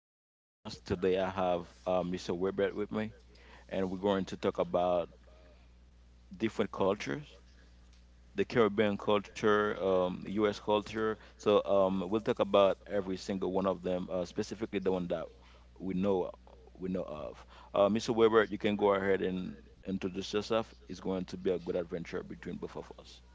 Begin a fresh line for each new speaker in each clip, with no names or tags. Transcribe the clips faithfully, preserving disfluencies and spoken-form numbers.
my podcast. Today I have uh, Mister Webert with me, and we're going to talk about different cultures, the Caribbean culture, um, U S culture. So um, we'll talk about every single one of them, uh, specifically the one that we know we know of. Uh, Mister Webert, you can go ahead and introduce yourself. It's going to be a good adventure between both of us.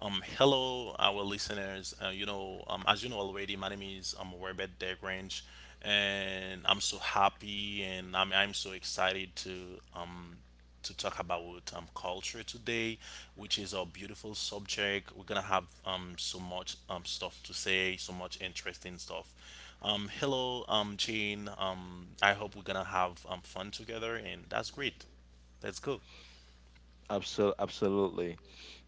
Um, hello, our listeners. Uh, you know, um, as you know already, my name is um Robert Degrange, and I'm so happy and I'm I'm so excited to um to talk about um culture today, which is a beautiful subject. We're gonna have um so much um stuff to say, so much interesting stuff. Um, hello, um Jane. Um, I hope we're gonna have um fun together, and that's great. Let's go.
Absol- absolutely.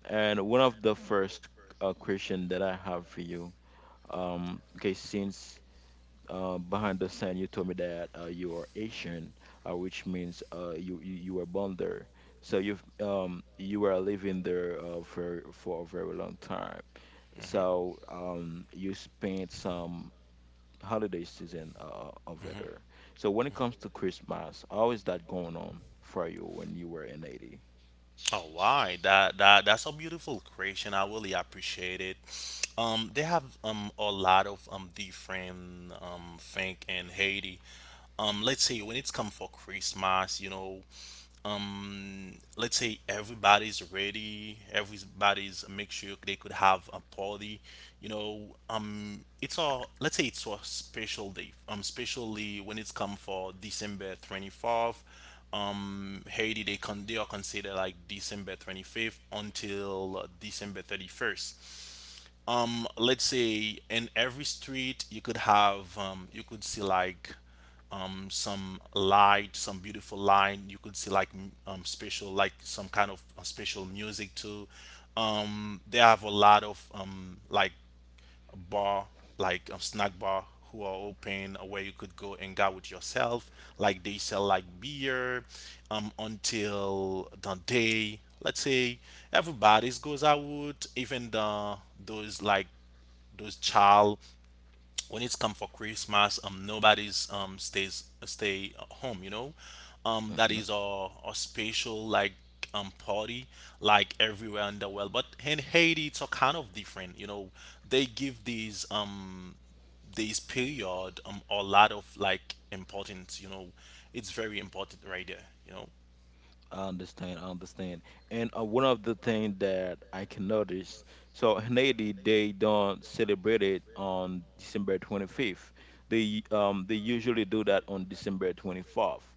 And one of the first uh, question that I have for you. Um, okay, since uh, behind the scene you told me that uh, you are Asian, uh, which means uh, you, you you were born there. So you've um, you were living there uh, for for a very long time.
Mm-hmm.
So um, you spent some holiday season uh, over
Mm-hmm.
there. So when it comes to Christmas, how is that going on for you when you were in Haiti?
All right, that that that's a beautiful creation. I really appreciate it. Um, they have um a lot of um different um thing in Haiti. Um, let's say when it's come for Christmas, you know, um let's say everybody's ready, everybody's uh, make sure they could have a party, you know. Um it's all, let's say, it's a special day, um especially when it's come for December twenty-fourth. um Haiti, they con they are considered like December twenty-fifth until uh, December thirty-first. Um let's say in every street you could have um you could see like um some light, some beautiful line. You could see like m- um special, like some kind of uh, special music too. Um they have a lot of um like bar, like a snack bar, who are open, uh, where you could go and hang out with yourself, like they sell like beer, um until the day, let's say, everybody's goes out, even the those like those child. When it's come for Christmas, um, nobody's um stays stay home. You know, um, that
Mm-hmm.
is our our special, like um party, like everywhere in the world. But in Haiti, it's a kind of different. You know, they give these um this period um a lot of like importance. You know, it's very important right there. You know,
I understand, I understand. And uh, one of the things that I can notice, so in Haiti, they don't celebrate it on December twenty-fifth. They um they usually do that on December twenty-fourth.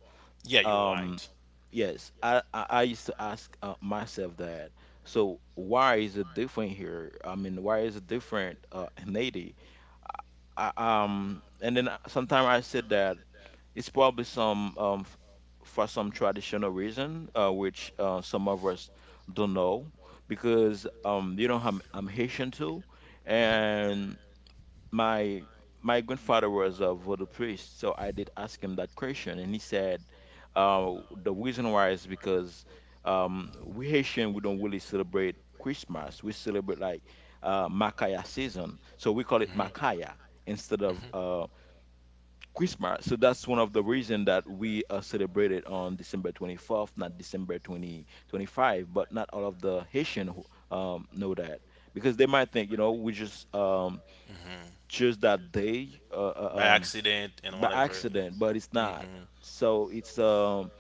yeah, you're
Um,
right.
yes, I I, I used to ask uh, myself that. So why is it different here? I mean, why is it different uh, in Haiti? I, um, and then sometimes I said that it's probably some um, f- for some traditional reason, uh, which uh, some of us don't know, because um, you know I'm, I'm Haitian too,
Mm-hmm.
and my my grandfather was a voodoo priest, so I did ask him that question, and he
not
said uh, the reason why is because um, we Haitian, we don't really celebrate Christmas. We celebrate like uh, Makaya season, so we call it Makaya instead of uh, Christmas. So that's one of the reason that we are celebrated on December twenty-fourth, not December twenty twenty five. But not all of the Haitian who, um, know that, because they might think, you know, we just um,
hmm
choose that day uh,
By
uh, um,
accident and
by
whatever, you
accident, but it's
know.
not.
Hmm.
So it's um,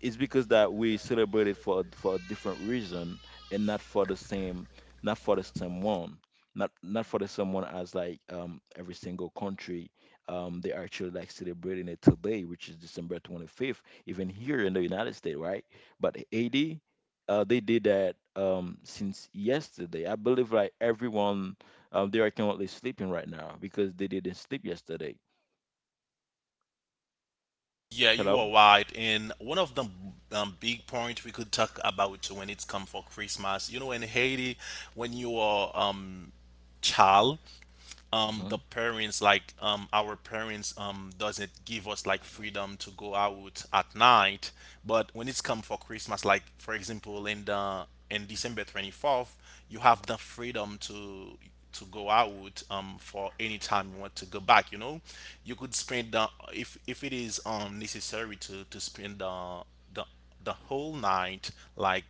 it's because that we celebrate it for for a different reason, and not for the same not for the same one, not not for the someone as like um every single country. Um they actually like celebrating it today, which is December twenty-fifth, even here in the United States, right? But Haiti, uh they did that um since yesterday, I believe, like everyone. Um they are currently sleeping right now because they didn't sleep yesterday.
Yeah, you
Hello.
are right. And one of the um, big points we could talk about, when it's come for Christmas, you know, in Haiti, when you are um child, um
Hmm.
the parents like um our parents um doesn't give us like freedom to go out at night. But when it's come for Christmas, like for example, in the in December twenty-fourth, you have the freedom to to go out um for any time you want to go back. You know, you could spend the, if if it is um necessary to to spend the the the the whole night like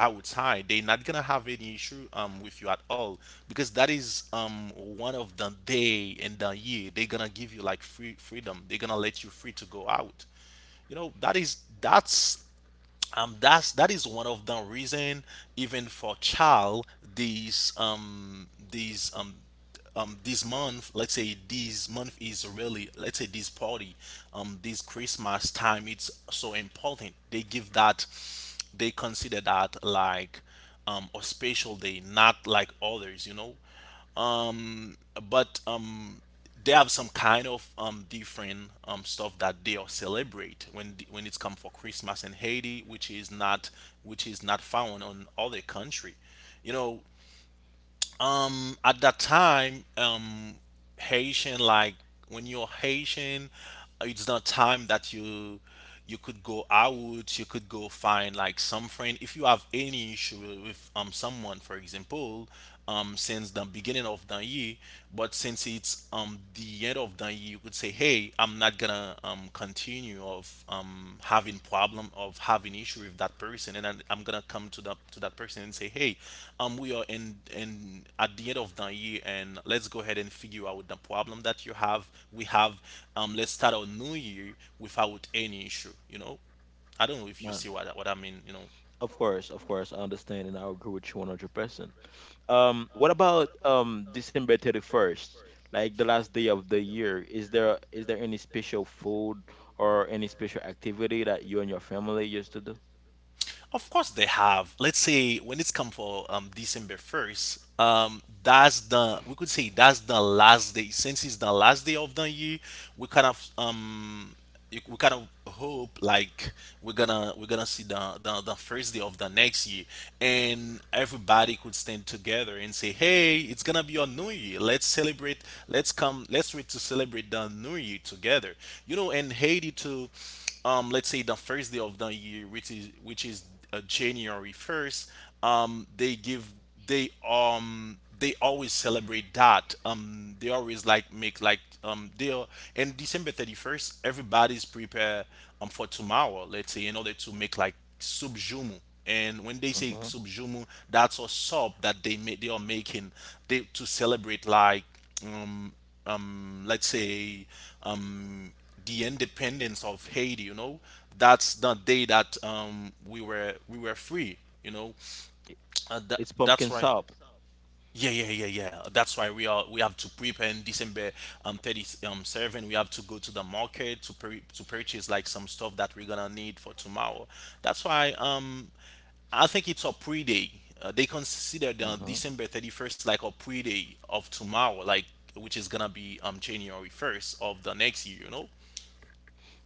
outside, they're not gonna have any issue um with you at all, because that is um one of the day in the year they're gonna give you like free freedom, they're gonna let you free to go out. You know, that is that's um that's that is one of the reason, even for child. These um these um um This month, let's say this month is really, let's say this party, um this Christmas time, it's so important. They give that, they consider that like um a special day, not like others. You know, um but um they have some kind of um different um stuff that they all celebrate when the- when it's come for Christmas in Haiti, which is not, which is not found on other country. You know, um, at that time, um, Haitian, like when you're Haitian, uh, it's not time that you you could go out, you could go find like some friend. If you have any issue with um someone, for example, um since the beginning of the year, but since it's um the end of the year, you could say, hey, I'm not gonna um, continue of um, having problem, of having issue with that person. And then I'm gonna come to that, to that person and say, hey, um, we are in in at the end of the year, and let's go ahead and figure out the problem that you have we have. Um, let's start our new year without any issue. You know, I don't know if you see what, what I mean, you know.
Of course, of course, I understand and I agree with you one hundred percent. Um, what about um December thirty-first? Like the last day of the year, is there is there any special food or any special activity that you and your family used to do?
Of course they have. Let's say when it's come for um December first, um that's the we could say that's the last day. Since it's the last day of the year, we kind of um you- we kind of hope like we're gonna we're gonna see the, the the first day of the next year, and everybody could stand together and say, hey, it's gonna be a new year, let's celebrate. Let's come, let's wait to celebrate the new year together. You know, and Haiti too, um let's say the first day of the year, which is which is uh, January first. um they give they um they always celebrate that. Um they always like make like um they are. And December thirty-first, everybody's prepared um for tomorrow, let's say, in order to make like subjumu. And when they say
Mhm.
subjumu, that's a sub that they make, they are making, they, to celebrate like um um, let's say um, the independence of Haiti. You know, that's the day that um, we were we were free. You know, uh, that
It's
that's
pumpkin
why.
soup.
Yeah, yeah, yeah, yeah. That's why we are, we have to prepare in December um thirty um seven. We have to go to the market to pur- to purchase like some stuff that we're gonna need for tomorrow. That's why um I think it's a pre day. Uh, they consider the
Mm-hmm.
December thirty-first like a pre day of tomorrow, like, which is gonna be um January first of the next year. You know.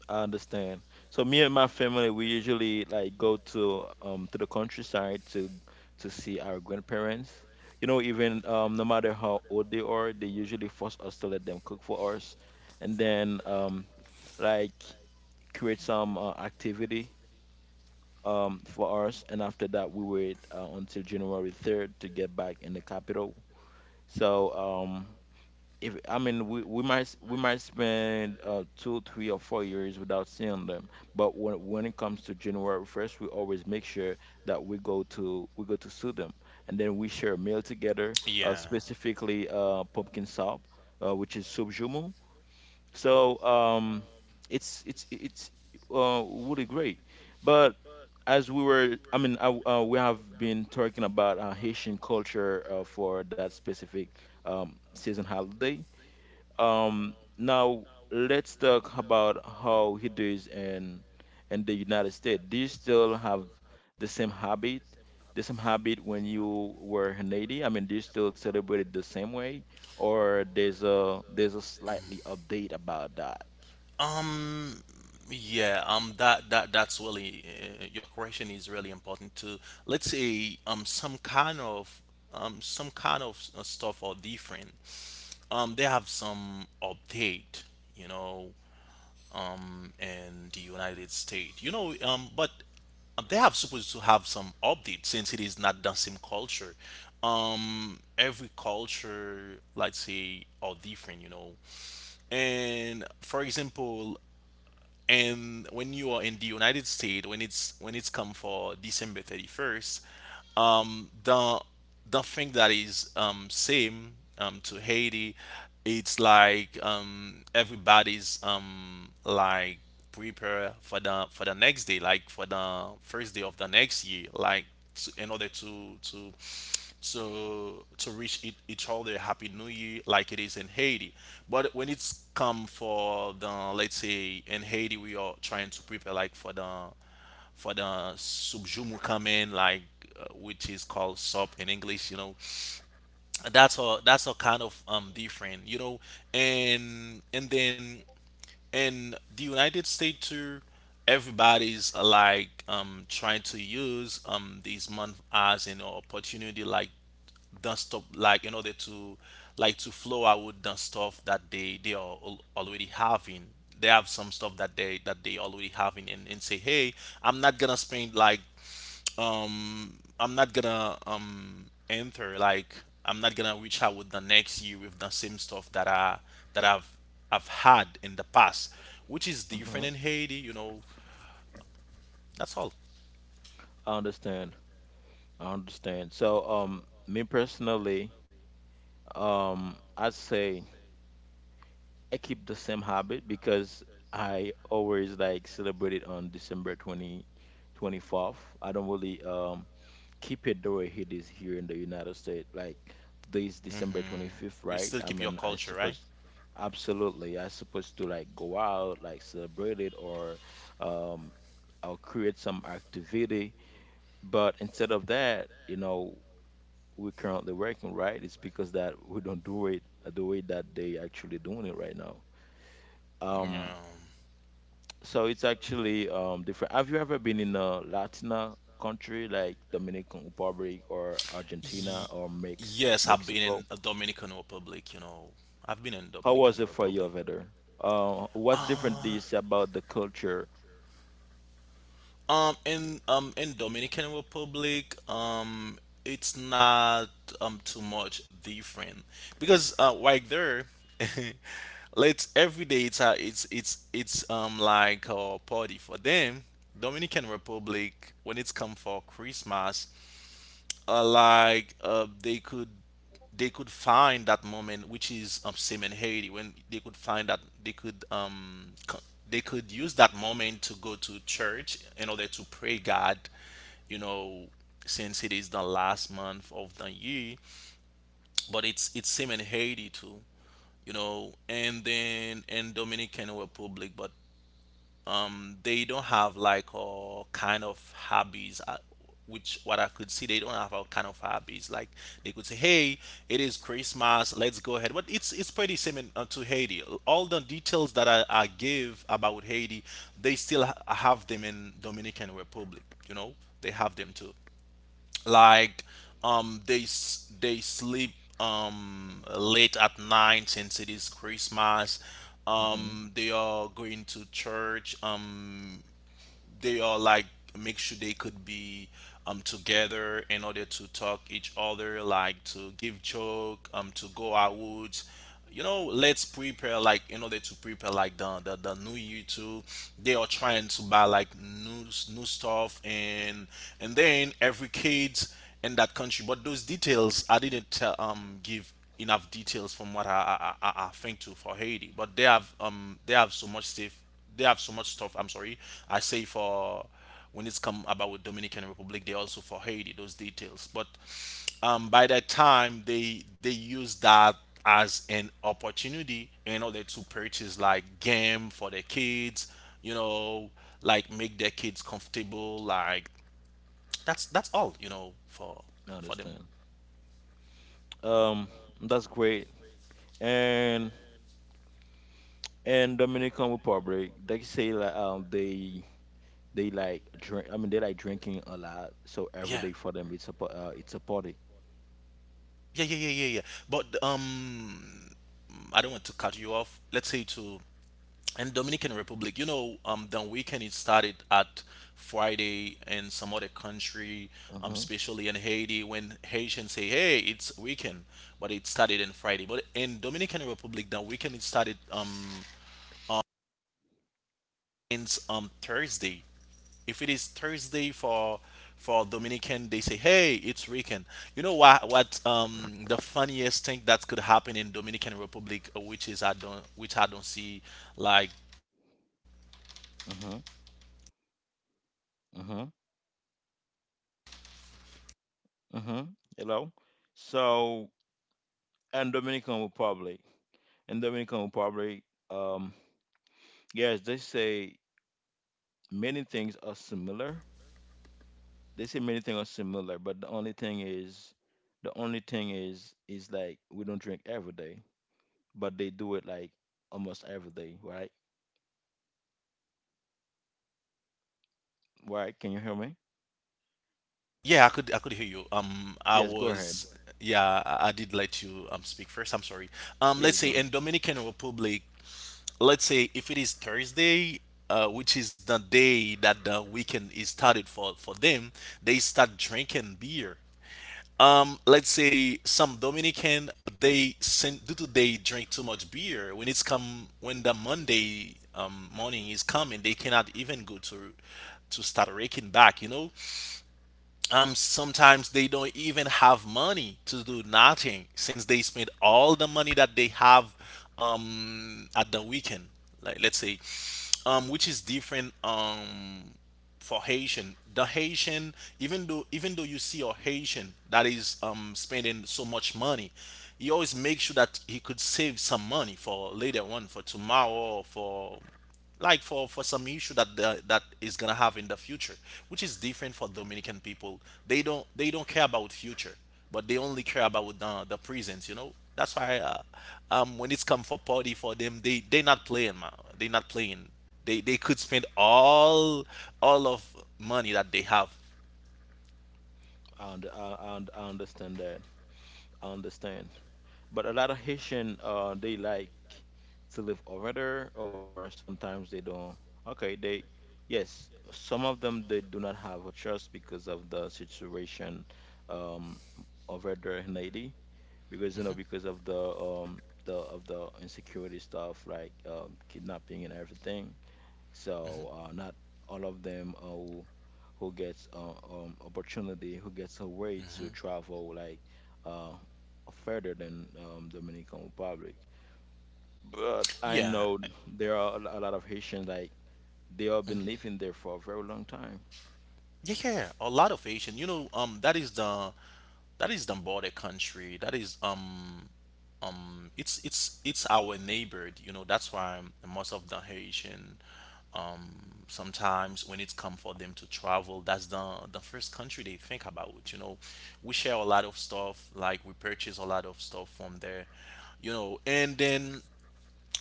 I understand. So me and my family, we usually like go to um to the countryside to to see our grandparents. You know, even um no matter how old they are, they usually force us to let them cook for us, and then um like create some uh, activity um for us. And after that, we wait uh, until January third to get back in the capital. So um if I mean we, we might s- we might spend uh two, three or four years without seeing them. But when when it comes to January first, we always make sure that we go to we go to see them, and then we share a meal together. Uh,
Yeah.
specifically, uh, pumpkin soup, uh, which is soup jumu. So um, it's it's it's uh really great. But as we were, I mean, I, uh, we have been talking about uh, Haitian culture uh, for that specific um, season holiday. Um, now let's talk about how he does in in the United States. Do you still have the same habit, the same habit when you were in Haiti? I mean, do you still celebrate it the same way, or there's a there's a slightly update about that?
Um, yeah, um, that that that's really uh, your question is really important too. Let's say um some kind of um some kind of uh, stuff are different. Um, they have some update, you know, um, in the United States, you know, um, but they have supposed to have some update since it is not the same culture. Um, every culture, let's say, are different, you know. And for example, and when you are in the United States, when it's when it's come for December thirty-first, um, the the thing that is um, same um, to Haiti, it's like um, everybody's um, like prepare for the for the next day, like for the first day of the next year, like to, in order to to to to reach each, each other happy new year like it is in Haiti. But when it's come for the, let's say in Haiti we are trying to prepare like for the for the subjumu come in like, uh, which is called sop in English. You know, that's all that's all kind of um different. You know, and and then in the United States too, everybody's uh, like um trying to use um this month as an opportunity like done stuff, like in order to like to flow out done stuff that they they are al- already having. They have some stuff that they that they already having, and, and say, hey, I'm not gonna spend like um I'm not gonna um enter like I'm not gonna reach out with the next year with the same stuff that I that I've I've had in the past, which is
Hmm.
different in Haiti. You know, that's all.
I understand. I understand. So, um, me personally, um, I'd say. I keep the same habit because I always like celebrate it on December twenty twenty fourth. I don't really um keep it the way it is here in the United States. Like today is December twenty-fifth,
You
right?
still
I
keep your
mean, I
culture, right?
suppose, absolutely, I supposed to like go out, like celebrate it, or um I'll create some activity. But instead of that, you know, we're currently working, right? It's because that we don't do it the way that they actually doing it right now. Um,
Yeah.
so it's actually um different. Have you ever been in a Latina country like Dominican Republic or Argentina
Ye-
or Mex
yes, I've been
Mexico?
in a Dominican Republic. You know, I've been in
How was
Dominican
it for you
Republic.
over there? Uh, what's different this about the culture?
Um, in um in Dominican Republic, um, it's not um too much different because uh right there, let's every day it's a, it's it's it's um like a party for them. Dominican Republic when it's come for Christmas, uh, like uh, they could, they could find that moment, which is um, same in Haiti, when they could find that they could um co- they could use that moment to go to church in order to pray God, you know, since it is the last month of the year. But it's it's same in Haiti too, you know, and then in Dominican Republic, but um they don't have like all kind of hobbies uh, which what I could see they don't have all kind of hobbies like they could say, "Hey, it is Christmas, let's go ahead," but it's it's pretty similar uh, to Haiti. All the details that i, I give about Haiti they still ha- have them in Dominican Republic, you know, they have them too. Like um they s- they sleep um late at night since it is Christmas.
Hmm.
Um they are going to church. Um they are like make sure they could be um together in order to talk each other, like to give joke, um to go out, you know. Let's prepare like in order to prepare like the the, the new year too. They are trying to buy like new new stuff and and then every kids in that country. But those details I didn't tell um give enough details from what i i, I I think to for Haiti, but they have um they have so much safe. They have so much stuff. I'm sorry, I say for when it's come about with Dominican Republic, they also for Haiti those details. But um, by that time, they they use that as an opportunity in order to purchase like game for their kids, you know, like make their kids comfortable. Like that's that's all, you know, for
I
for them.
understand. Um, that's great. And and Dominican Republic, they say like um they they like drink. I mean they like drinking a lot. So every
Yeah,
day for them it's a pa- uh, it's a party.
yeah, yeah, yeah, yeah, yeah. But um, I don't want to cut you off. Let's say to and Dominican Republic, you know, um, the weekend it started at Friday in some other country, um,
Mm-hmm.
especially in Haiti, when Haitians say, "Hey, it's weekend," but it started in Friday. But in Dominican Republic, the weekend it started um ends um Thursday. If it is Thursday for for Dominican, they say, "Hey, it's weekend." You know what? What um the funniest thing that could happen in Dominican Republic, uh, which is I don't which I don't see like
Mm-hmm. Hmm. Hello. So, and Dominican Republic. In Dominican Republic, um, yes, they say many things are similar. They say many things are similar. But the only thing is, the only thing is, is like we don't drink every day, but they do it like almost every day, right? Right? Can you hear me?
Yeah, I could I could hear you. Um, I
Yes, go ahead.
was yeah, I, I did let you um speak first. I'm sorry. Um,
Yes,
let's say
go ahead.
in Dominican Republic, let's say if it is Thursday, uh, which is the day that the weekend is started for for them, they start drinking beer. Um, let's say some Dominican they send due to they drink too much beer when it's come when the Monday um morning is coming, they cannot even go to to start raking back, you know, um sometimes they don't even have money to do nothing since they spend all the money that they have um at the weekend. Like let's say um which is different um for Haitian the Haitian. Even though even though you see a Haitian that is um spending so much money, he always makes sure that he could save some money for later on for tomorrow or for like for for some issue that the, that is gonna have in the future, which is different for Dominican people. They don't they don't care about future, but they only care about the the present. You know that's why uh, um when it's come for party for them they they not playing man, they not playing. They they could spend all all of money that they have.
I, und- I, I, und- I understand that. I understand. But a lot of Haitian, uh, they like to live over there, or sometimes they don't. Okay, they yes, some of them they do not have a choice because of the situation um, over there in Haiti, because you know because of the um, the of the insecurity stuff like um, kidnapping and everything. So uh, not all of them uh, who gets uh, um opportunity, who gets a way to travel like uh further than um, Dominican Republic. But I
Yeah,
know there are a lo- a lot of Haitians like they have been living there for a very long time.
yeah, yeah. A lot of Asian. You know um that is the that is the border country. That is um um it's it's it's our neighbor, you know, that's why most of the Haitian um sometimes when it's come for them to travel, that's the the first country they think about, you know. We share a lot of stuff like we purchase a lot of stuff from there, you know, and then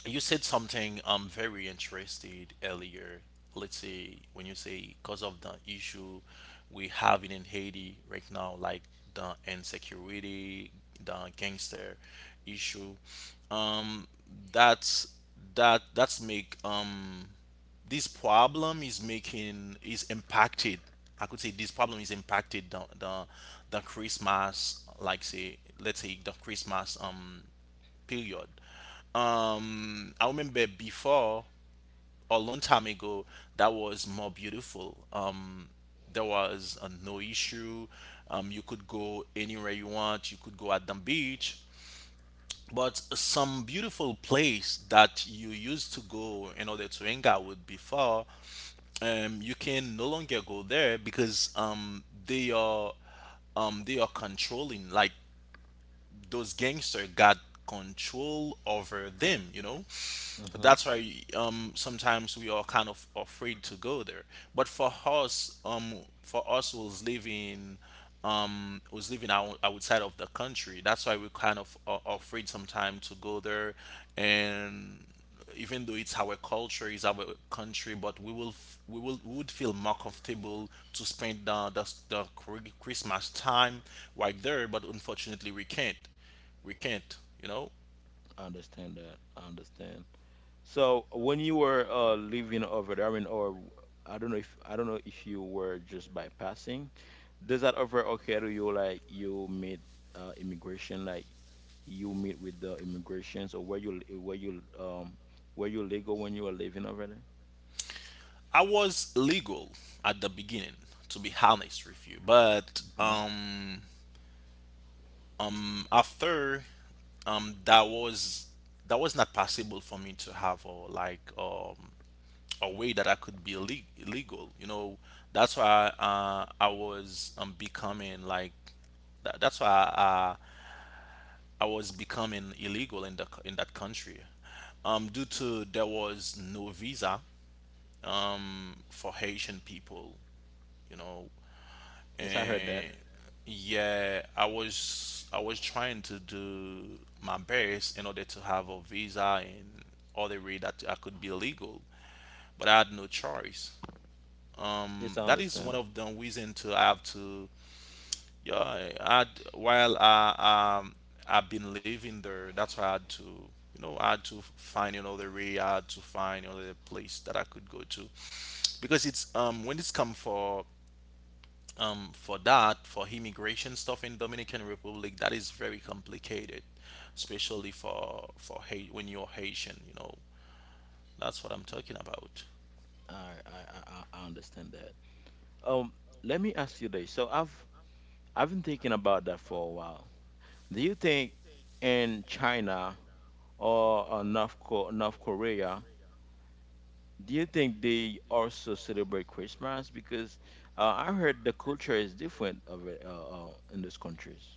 you said something I'm very interested earlier. Let's say when you say because of the issue we have in Haiti right now, like the insecurity, the gangster issue, um, that's that that's make um this problem is making is impacted. I could say this problem is impacted the the the Christmas, like say let's say the Christmas um period. Um, I remember before a long time ago that was more beautiful. Um, there was uh, no issue. Um, you could go anywhere you want. You could go at the beach. But some beautiful place that you used to go in order to hang out with before, um, you can no longer go there because um, they are um, they are controlling. Like those gangsters got control over them, you know?
Hmm.
That's why um, sometimes we are kind of afraid to go there. But for us, um, for us who's living, um, who's living out, outside of the country, that's why we kind of are afraid sometimes to go there and even though it's our culture, it's our country, but we will f- we will we would feel more comfortable to spend the the, the Chri- Christmas time right there. But unfortunately, we can't. We can't. You know,
I understand that. I understand. So when you were uh, living over there, I mean, or I don't know if I don't know if you were just bypassing. Does that ever occur to you like you meet uh, immigration, like you meet with the immigrations, or where you where you um where you legal when you were living already?
I was legal at the beginning, to be honest with you, but
Hmm.
um um after um that was that was not possible for me to have or like um a way that I could be illeg- illegal. You know, that's why uh, I was um becoming like that, that's why I, I was becoming illegal in the c- in that country, um, due to there was no visa um for Haitian people. You know,
Yes, I heard that.
and yeah, I was I was trying to do my best in order to have a visa and all the way that I could be illegal, but I had no choice.
Yes,
Um
I
that is one
understand.
of the reason to have to yeah I while I um I've been living there, that's why I had to, you know, I had to find another way. I had to find another place that I could go to because it's um when it's come for um for that for immigration stuff in Dominican Republic, that is very complicated, especially for for hate when you're Haitian, you know. That's what I'm talking about.
I I I, I I understand that. Um, Let me ask you this. So I've I've been thinking about that for a while. Do you think in China or uh, North Co- North Korea, do you think they also celebrate Christmas? Because uh, I heard the culture is different over uh, uh, in those countries.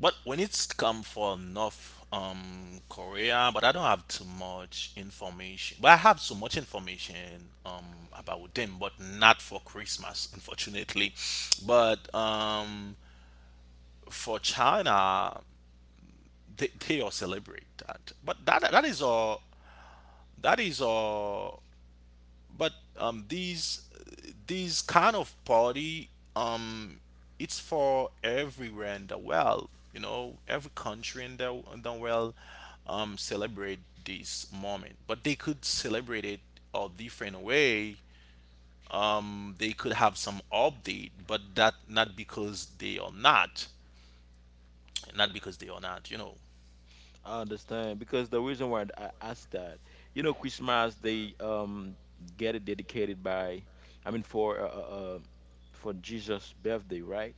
But when it's come for North um Korea, but I don't have too much information. But I have so much information um about them, but not for Christmas, unfortunately. But um, for China, they, they all celebrate that. But that that is all. That is all. But um, these these kind of party, um, it's for everywhere in the world. You know, every country in the in the world, um, celebrate this moment. But they could celebrate it a different way. Um, they could have some update, but that not because they are not, not because they are not. You know.
I understand, because the reason why I asked that, you know, Christmas they um get it dedicated by, I mean for uh, uh uh, for Jesus' birthday, right?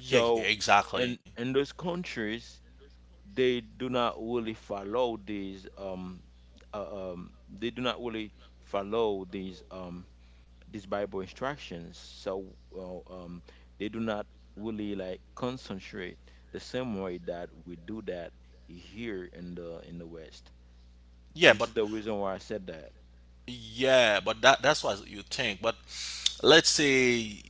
Yeah. Yeah.
and
Exactly.
in those countries they do not really follow these um uh, um they do not really follow these um these Bible instructions. So well, um, they do not really like concentrate the same way that we do that here in the in the West.
Yeah.
This
But
is the reason why I said that.
yeah. But that that's what you think. But let's say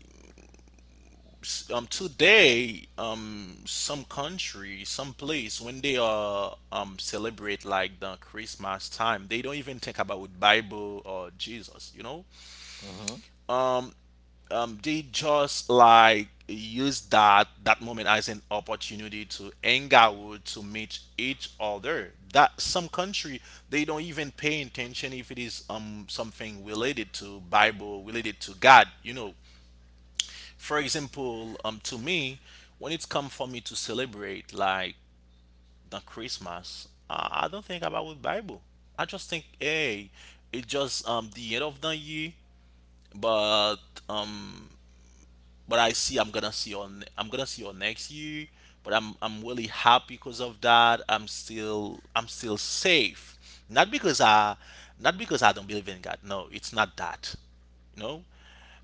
s- um today um some country some place when they are um celebrate like the Christmas time, they don't even think about Bible or Jesus, you know,
Uh huh.
um they just like use that that moment as an opportunity to hang out to meet each other. That some country they don't even pay attention if it is um something related to Bible related to God, you know. For example, um, to me, when it's come for me to celebrate like the Christmas, uh, I don't think about with Bible. I just think, hey, it's just um the end of the year, but um but I see I'm gonna see on I'm gonna see on next year. But I'm I'm really happy because of that. I'm still I'm still safe. Not because I Not because I don't believe in God. No, it's not that. You know?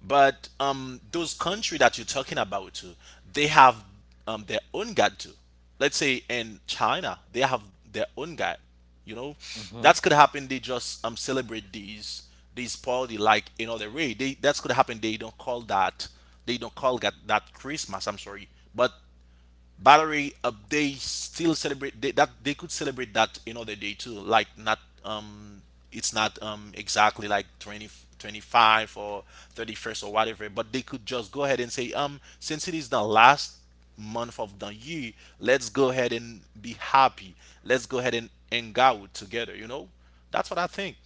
But um those country that you're talking about too, they have um their own God too. Let's say in China, they have their own God, you know,
Uh huh.
that's could happen. They just um celebrate these these party like in other way. They that's could happen, they don't call that, they don't call that that Christmas. I'm sorry, but Battery uh, they still celebrate they, that they could celebrate that another day too. Like not um it's not um exactly like twenty twenty-five or thirty-first or whatever, but they could just go ahead and say um since it is the last month of the year, let's go ahead and be happy. Let's go ahead and hang out together, you know? That's what I think.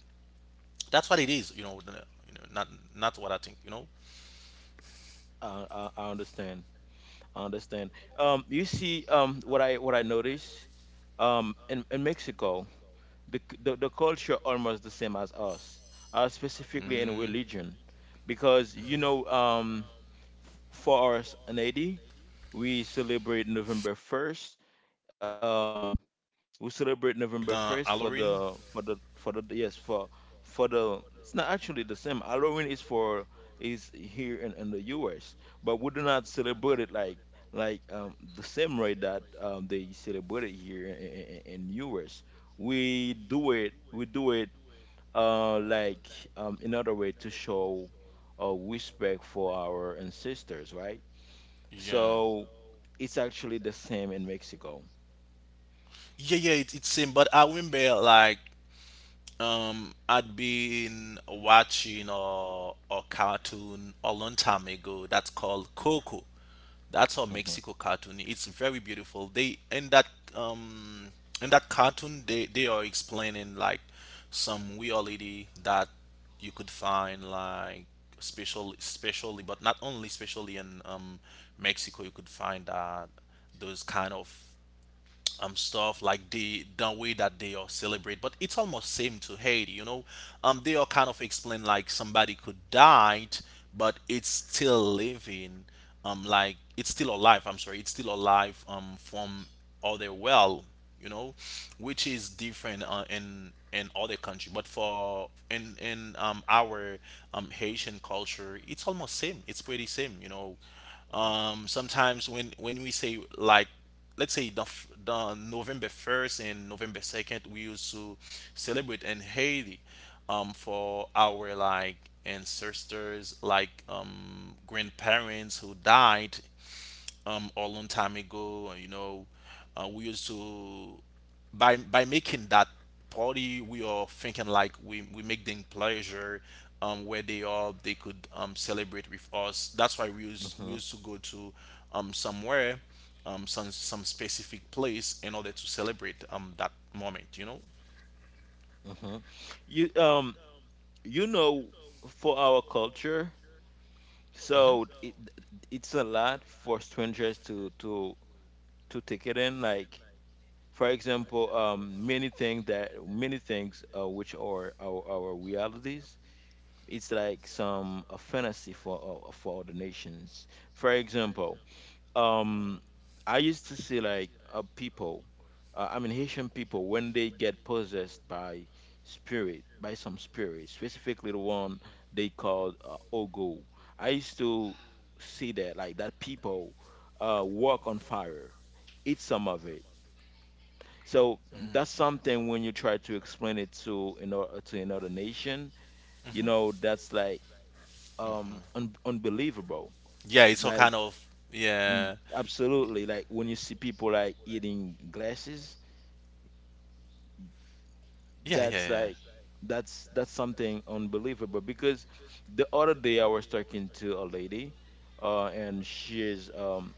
That's what it is, you know, the- you know not not what I think, you know?
I, I I understand. I understand. Um, you see, um, what I what I notice, um, in, in Mexico, the, c- the the culture almost the same as us, uh, specifically in
Mm.
religion, because you know, um, for our s- A D, we celebrate November first. Um, we celebrate November first.
The
For
Halloween.
the for the for the Yes, for for the it's not actually the same. Halloween is for is here in, in the U S, but we do not celebrate it like like um, the same way that um, they celebrate it here in, in U S. We do it we do it uh, like um, another way to show uh, respect for our ancestors, right?
Yeah.
So it's actually the same in Mexico.
Yeah, yeah, it, it's same. But I remember like um I'd been watching a, a cartoon a long time ago that's called Coco. That's a
Mhm,
Mexico cartoon. It's very beautiful. They in that um in that cartoon they they are explaining like some reality that you could find like special specially but not only specially in um Mexico. You could find that those kind of um stuff like the the way that they are celebrate, but it's almost same to Haiti, you know. Um they are kind of explain like somebody could died but it's still living, um like it's still alive. I'm sorry, it's still alive um from other well, you know, which is different uh, in in other country, but for in in um our um Haitian culture it's almost same, it's pretty same, you know. Um sometimes when when we say like let's say the, f- the November first and November second we used to celebrate in Haiti um for our like ancestors like um grandparents who died um a long time ago, you know. Uh, we used to by by making that party we are thinking like we we make them pleasure um where they are they could um celebrate with us. That's why we used we
mhm,
used to go to um somewhere um some some specific place in order to celebrate um that moment, you know.
mhm. You um you know, for our culture,
Hmm.
so it it's a lot for strangers to to to take it in. Like, for example, um many things that many things, uh, which are our our realities. It's like some a fantasy for uh, for other nations. For example, um I used to see like uh, people, uh, I mean Haitian people, when they get possessed by spirit by some spirit, specifically the one they called uh, ogo. I used to see that, like, that people uh walk on fire, eat some of it. So that's something. When you try to explain it to another, to another nation, you
Hmm.
know, that's like um un- unbelievable.
Yeah, it's all
Like,
kind of
Mm,
yeah.
absolutely. Like when you see people like eating glasses,
Yeah, yeah,
that's
yeah.
like that's that's something unbelievable because the other day I was talking to a lady uh and she's um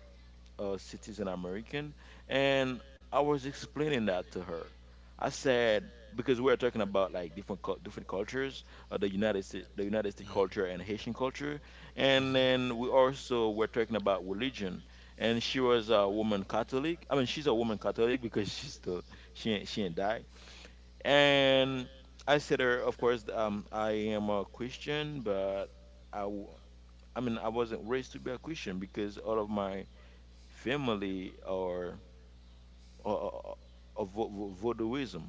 uh, citizen American, and I was explaining that to her. I said because we are talking about like different cul- different cultures, uh, the United States, the United States culture and Haitian culture, and then we
Mhm.
also were talking about religion. And she was a woman Catholic. I mean, she's a woman Catholic because she's still she ain't, she ain't died. And I said to her, of course, um, I am a Christian, but I w- I mean, I wasn't raised to be a Christian because all of my family or or, or or vo- vo- voodooism.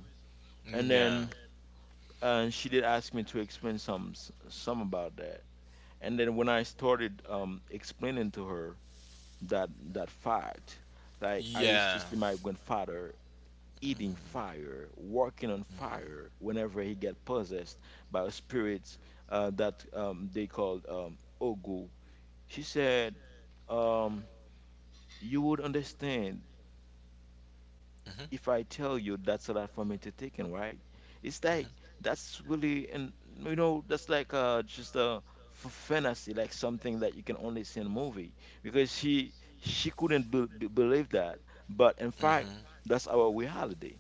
And
Yeah.
then uh, she did ask me to explain some s- some about that. And then when I started um, explaining to her that that fact, like I used to
Yeah.
see my grandfather eating fire, walking on fire whenever he got possessed by spirits uh, that um, they called um, ogu. She said, um, "You would understand
Mhm.
if I tell you that's a lot for me to take in, right? It's like
Is
that's really and you know that's like uh just a f- fantasy, like something that you can only see in a movie because she she couldn't be- be- believe that, but in
that's
fact
Mhm.
that's our reality."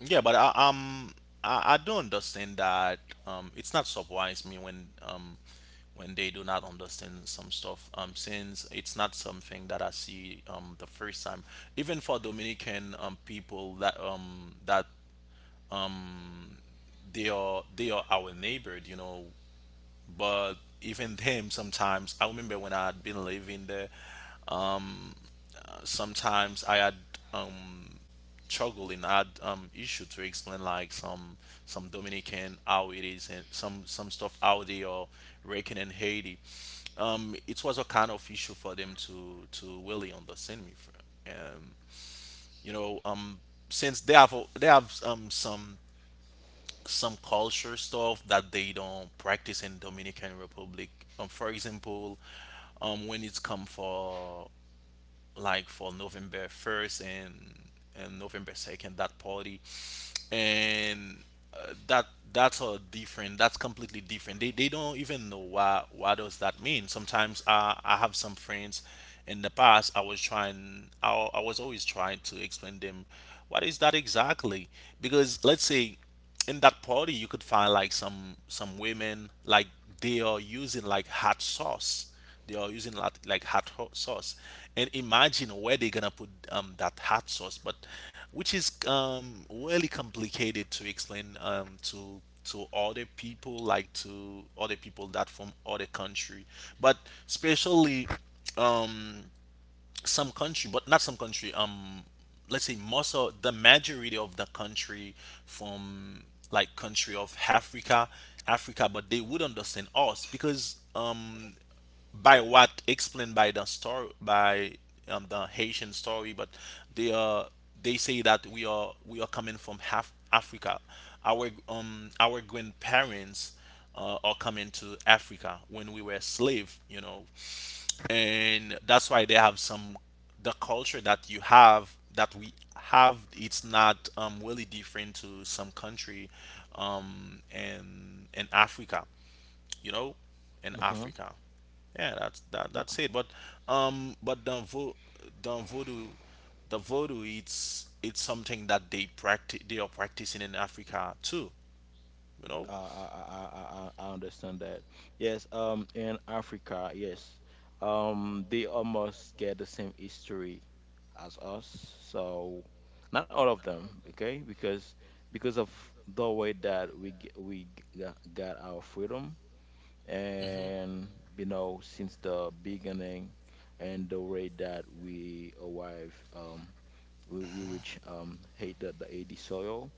Yeah, but I, um, I, I don't understand that. Um, it's not surprise me when um, when they do not understand some stuff. Um, since it's not something that I see um the first time. Even for Dominican um people that um that they are they are our neighbor. You know, but even then sometimes I remember when I had been living there, um uh, sometimes I had, um struggling, I had um issue to explain like some some Dominican how it is and some some stuff out there or reckon in Haiti. Um it was a kind of issue for them to to really understand me, for um you know um since they have they have um some some culture stuff that they don't practice in Dominican Republic. Um, for example, um, when it's come for like for November first and, and November second, that party. And uh, that that's all different. That's completely different. They, they don't even know why what does that mean. Sometimes I, I have some friends. In the past I was trying, I, I was always trying to explain them what is that exactly, because let's say in that party you could find like some some women, like they are using like hot sauce, they are using lot like hot ho- sauce, and imagine where they're gonna put um, that hot sauce, but which is um, really complicated to explain, um, to to other people, like to other people that from other country, but especially, um, some country, but not some country. Um, let's say most of the majority of the country from like country of Africa, Africa, but they would understand us because um by what explained by the story, by um, the Haitian story, but they are, they say that we are we are coming from half Africa. Our um our grandparents uh, are coming to Africa when we were slave, you know, and that's why they have some, the culture that you have, that we have, it's not um, really different to some country, um, in in Africa, you know, in
Mm-hmm.
Africa. Yeah, that's that that's it. But um but the vo the voodoo, the voodoo it's it's something that they practice, they are practicing in Africa too, you know?
Uh, I, I, I, I I understand that. Yes, um, in Africa, yes, um, they almost get the same history as us. So, not all of them, okay? Because because of the way that we g- we g- got got our freedom,
Mhm.
and you know, since the beginning, and the way that we arrive, um, we we which um hate the, the A D soil,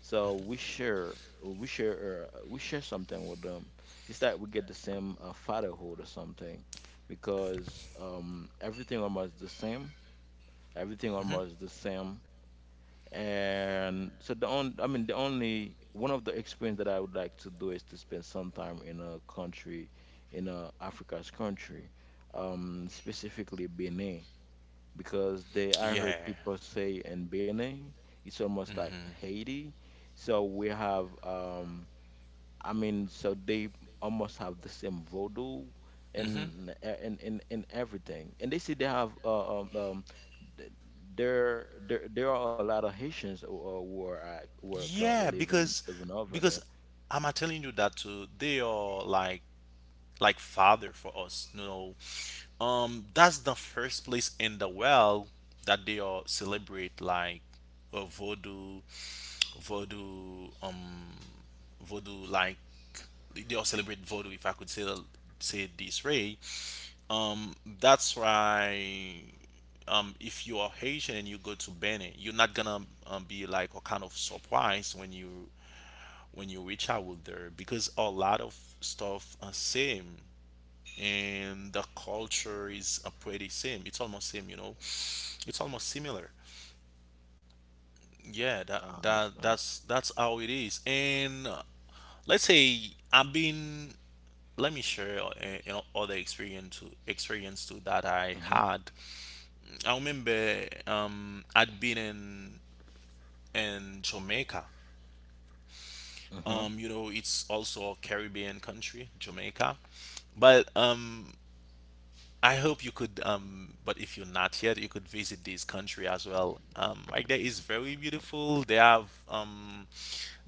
so we share, we share, uh, we share something with them. It's like we get the same uh, fatherhood or something, because um, everything almost the same. Everything almost the same. And so the only, I mean, the only one of the experience that I would like to do is to spend some time in a country, in a Africa's country, um, specifically Benin because they I heard
Yeah.
people say in Benin it's almost like Haiti. So we have um I mean so they almost have the same voodoo
Mhm.
and and and, and everything. And they say they have uh, um um th- there there there are a lot of Haitians who, uh, who are at, who are currently
Yeah,
living
because
living over there.
because am I telling you that too? They are like like father for us, you know. Um, that's the first place in the world that they are celebrate like a voodoo, voodoo um voodoo like they all celebrate voodoo, if I could say, say it this way. um that's why, um if you are Haitian and you go to Benin, you're not gonna, um, be like a kind of surprised when you, when you reach out there, because a lot of stuff are same, and the culture is uh, pretty same, it's almost same, you know, it's almost similar. Yeah, that
I
that
understand.
that's that's how it is. And let's say I've been, let me share uh, you know, other experience to experience too that I
Mhm.
had. I remember um I'd been in in Jamaica.
Mhm.
Um you know, it's also a Caribbean country, Jamaica. But um I hope you could, um, but if you're not yet, you could visit this country as well. Um, like there is very beautiful. They have um,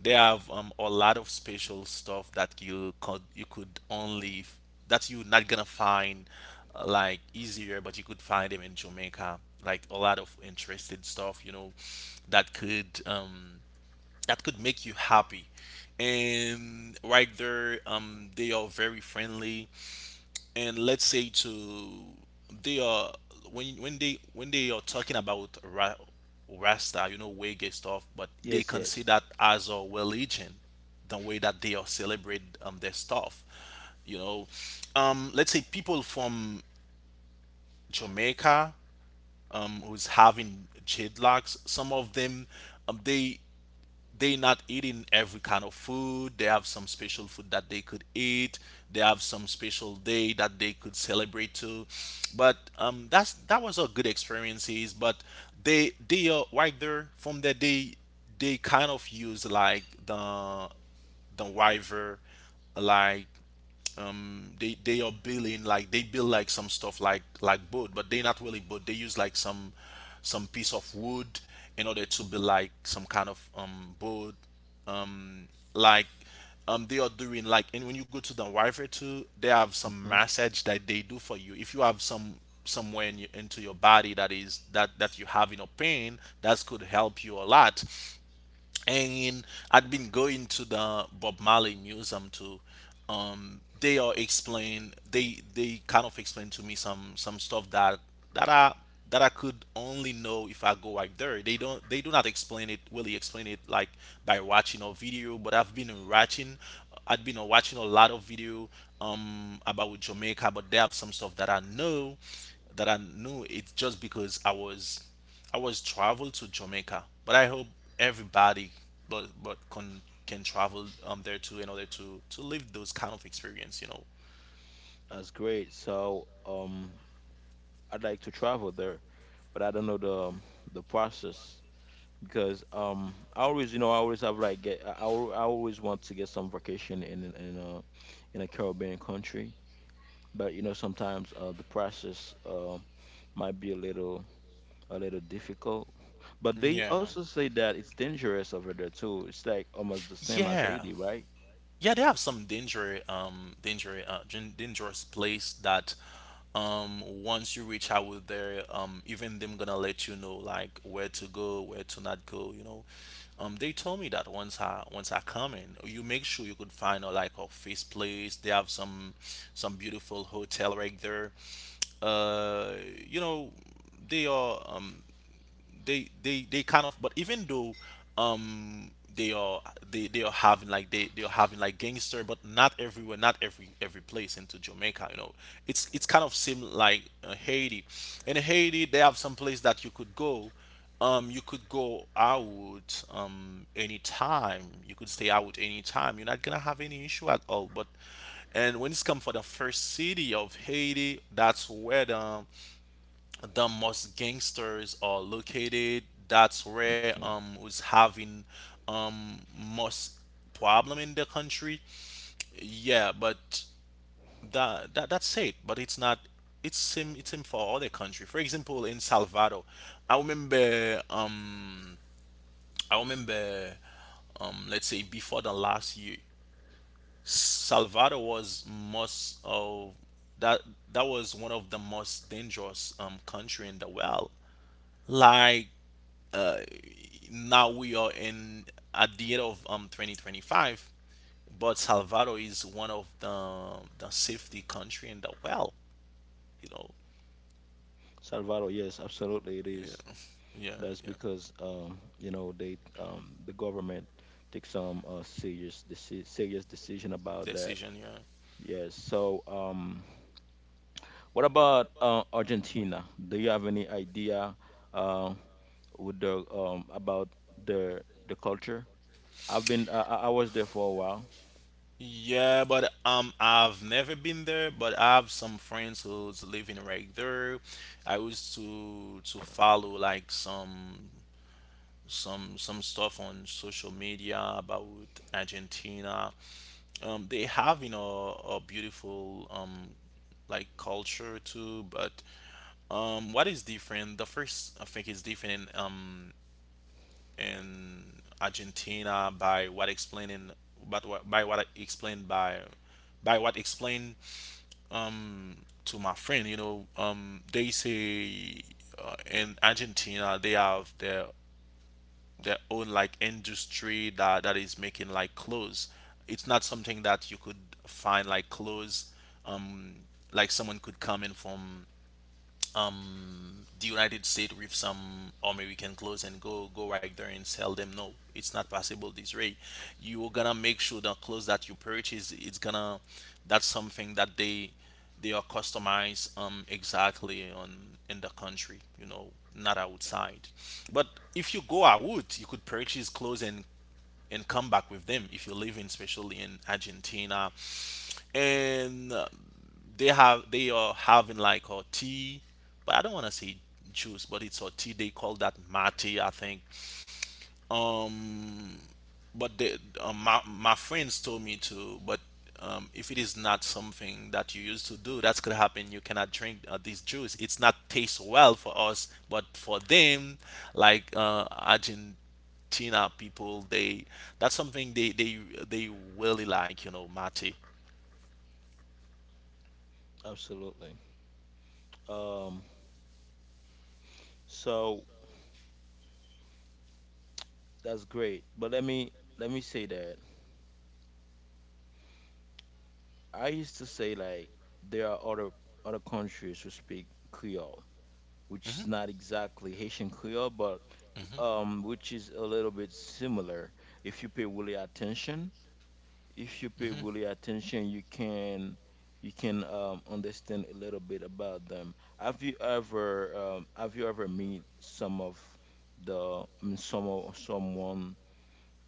they have um, a lot of special stuff that you could, you could only, that you're not gonna find uh, like easier, but you could find them in Jamaica. Like a lot of interested stuff, you know, that could um, that could make you happy. And right there, um, they are very friendly, and let's say to, they are, when when they when they are talking about ra- Rasta, you know, Wege stuff, but they
Yes, yes.
consider that as a religion, the way that they are celebrate um their stuff, you know. Um let's say people from Jamaica um who's having dreadlocks, some of them, um they they not eating every kind of food. They have some special food that they could eat. They have some special day that they could celebrate too. But um, that's, that was a good experiences. But they they are right there, from that they they kind of use like the the river, like um they they are building like, they build like some stuff like like boat, but they not really boat, they use like some some piece of wood in order to build like some kind of um boat, um like um they are doing like. And when you go to the wifi too, they have some
Mhm.
massage that they do for you if you have some, somewhere in your, into your body that is that, that you have in a pain, that could help you a lot. And I'd been going to the Bob Marley Museum to, um they are explain, they they kind of explain to me some some stuff that, that I, that I could only know if I go right there. They don't, they do not explain it, really explain it, like by watching a video, but I've been watching, I'd been watching a lot of video um about Jamaica, but they have some stuff that I know, that I knew, it's just because I was, I was traveled to Jamaica. But I hope everybody, but but can can travel um there too in order to to live those kind of experience, you know.
That's great. So, um, I'd like to travel there, but I don't know the um, the process because um I always you know I always have like get I, I al- I always want to get some vacation in in in a in a Caribbean country, but you know sometimes uh, the process uh, might be a little a little difficult. But they
Yeah.
also say that it's dangerous over there too. It's like almost the same as
Yeah.
Haiti, right?
Yeah, they have some danger, um, danger, uh, gen- dangerous place that, um, once you reach out with there, um, even them gonna let you know like where to go, where to not go. You know, um, they told me that once I, once I come in, you make sure you could find a like a face place. They have some some beautiful hotel right there. Uh, you know, they are um they they they kind of, but even though, um they are, they they are having like, they they are having like gangster, but not everywhere, not every every place into Jamaica, you know. it's it's kind of same like uh, Haiti. In Haiti, they have some place that you could go, um you could go out um anytime, you could stay out anytime, you're not gonna have any issue at all. But, and when it's come for the first city of Haiti, that's where the the most gangsters are located. That's where
Mhm.
um was having um most problem in the country. Yeah, but that, that that's it. But it's not. It's same. It's same for other country. For example, in Salvador, I remember. Um, I remember. Um, let's say before the last year, Salvador was most of that. That was one of the most dangerous um country in the world, like uh, now we are in at the end of um twenty twenty-five, but Salvador is one of the the safety country in the world, you know.
Salvador, yes, absolutely it
Yeah.
is.
Yeah,
That's
yeah.
because um, you know they um, the government takes some uh, serious deci- serious decision about that.
Decision, yeah.
Yes. So um, what about uh, Argentina? Do you have any idea uh, with the um, about the the culture? I've been uh, I I was there for a while.
Yeah, but um I've never been there, but I have some friends who's living right there. I used to to follow like some some some stuff on social media about Argentina. Um, they have, you know, a beautiful um, like culture too. But um, what is different, the first I think is different in um, in Argentina, by what explaining, but what, by what I explained by by what explained, um, to my friend, you know. Um, they say uh, in Argentina they have their their own like industry that, that is making like clothes. It's not something that you could find like clothes. Um, like someone could come in from um the United States with some army we can close and go go right there and sell them. No, it's not possible this way. You're gonna make sure the clothes that you purchase, it's gonna, that's something that they they are customized um exactly on, in the country, you know, not outside. But if you go out, you could purchase clothes and and come back with them, if you live in, especially in Argentina. And uh, they have, they are having like a tea, but I don't want to say juice, but it's a tea. They call that mate, I think. Um, but they, uh, my my friends told me to, but um, if it is not something that you used to do, that's gonna happen, you cannot drink uh, this juice. It's not taste well for us, but for them, like uh, Argent. people, they, that's something they, they they really like, you know, mate.
Absolutely. Um, so that's great. But let me let me say that I used to say like there are other other countries who speak Creole, which
Hmm.
is not exactly Haitian Creole, but um, which is a little bit similar. If you pay really attention, if you pay
Hmm.
really attention, you can you can um, understand a little bit about them. Have you ever um, have you ever meet some of the I mean some of someone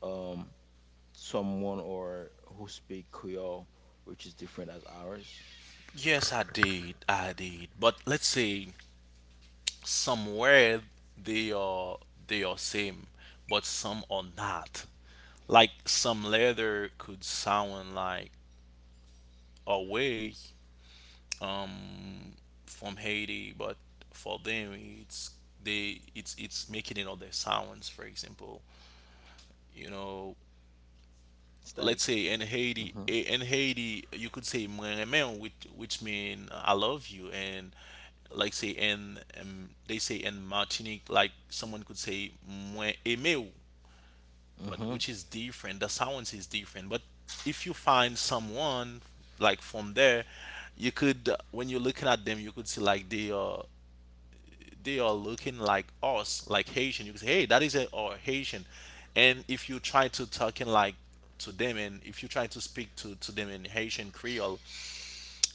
um, someone or who speak Creole, which is different as ours?
Yes, I did. I did. But let's say somewhere they are, they are same, but some are not. Like some leather could sound like away um from Haiti, but for them it's, they, it's it's making another sounds, for example. You know,
It's
let's
like,
say in Haiti eh, in Haiti you could say "Mwen which which mean uh, I love you." And like say in um, they say in Martinique, like someone could say "Mwen aimé ou," but
hmm
which is different, the sounds is different. But if you find someone like from there, you could uh, when you're looking at them, you could see like they are they are looking like us, like Haitian. You can say, hey, that is a or Haitian. And if you try to talking like to them, and if you try to speak to, to them in Haitian Creole,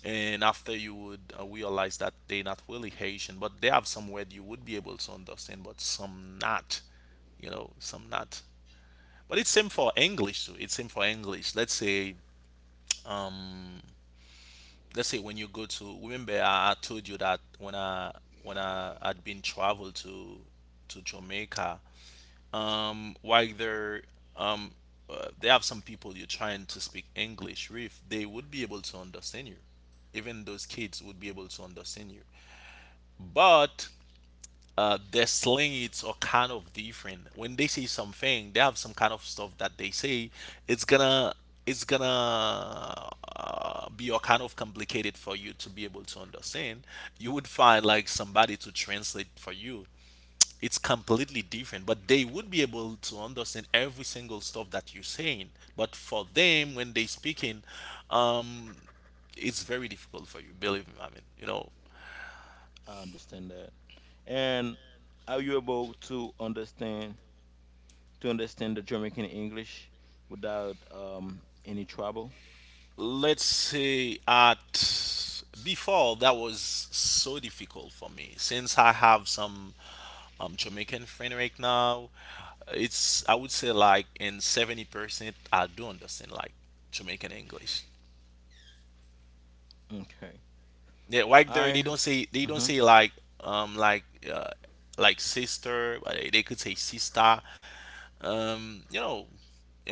and after you would uh, realize that they not really Haitian, but they have some word you would be able to understand, but some not, you know, some not. But it's same for English too. It's same for English. Let's say let's say when you go to, remember I, I told you that when I when I had been traveled to to Jamaica, um while they're um uh, they have some people you're trying to speak English with, they would be able to understand you. Even those kids would be able to understand you, but uh, their slangs are kind of different. When they say something, they have some kind of stuff that they say, it's gonna it's gonna uh, be all kind of complicated for you to be able to understand. You would find like somebody to translate for you. It's completely different, but they would be able to understand every single stuff that you're saying. But for them when they speaking, um it's very difficult for you, believe me. i mean you know,
I understand that. And are you able to understand to understand the Jamaican English without um any trouble?
let's say at before that was so difficult for me. Since I have some um, Jamaican friend right now, it's, I would say like in seventy percent I do understand like Jamaican English.
Okay.
Yeah, like there they
I
don't say they don't say
Mhm.
like um like uh like sister, but they they could say sister. Um, you know,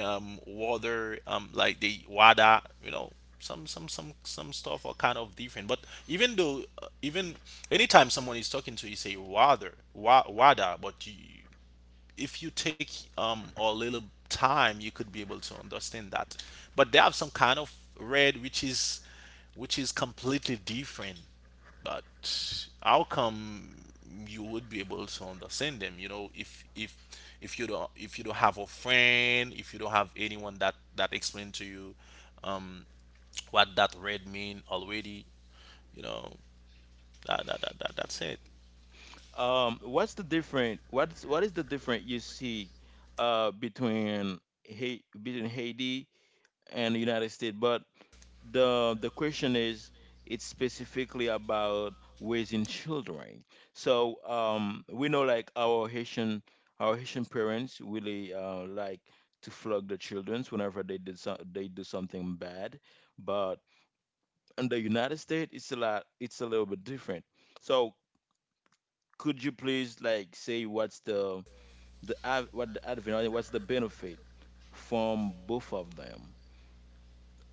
um water, um like the wada, you know, some some some some stuff are kind of different. But even though uh, even anytime someone is talking to you say water, wa wada, but you, if you take um a little time, you could be able to understand that. But they have some kind of red which is which is completely different. But how come you would be able to understand them, you know, if if if you don't, if you don't have a friend, if you don't have anyone that that explain to you um what that red mean already. You know, that, that, that, that that's it.
um what's the different what's what is the different you see uh between Hai between Haiti and the United States. But the the question is, it's specifically about raising children. So um, we know like our Haitian our Haitian parents really uh, like to flog the children whenever they did so, they do something bad. But in the United States, it's a lot it's a little bit different. So could you please like say what's the the ad- what the advantage what's the benefit from both of them,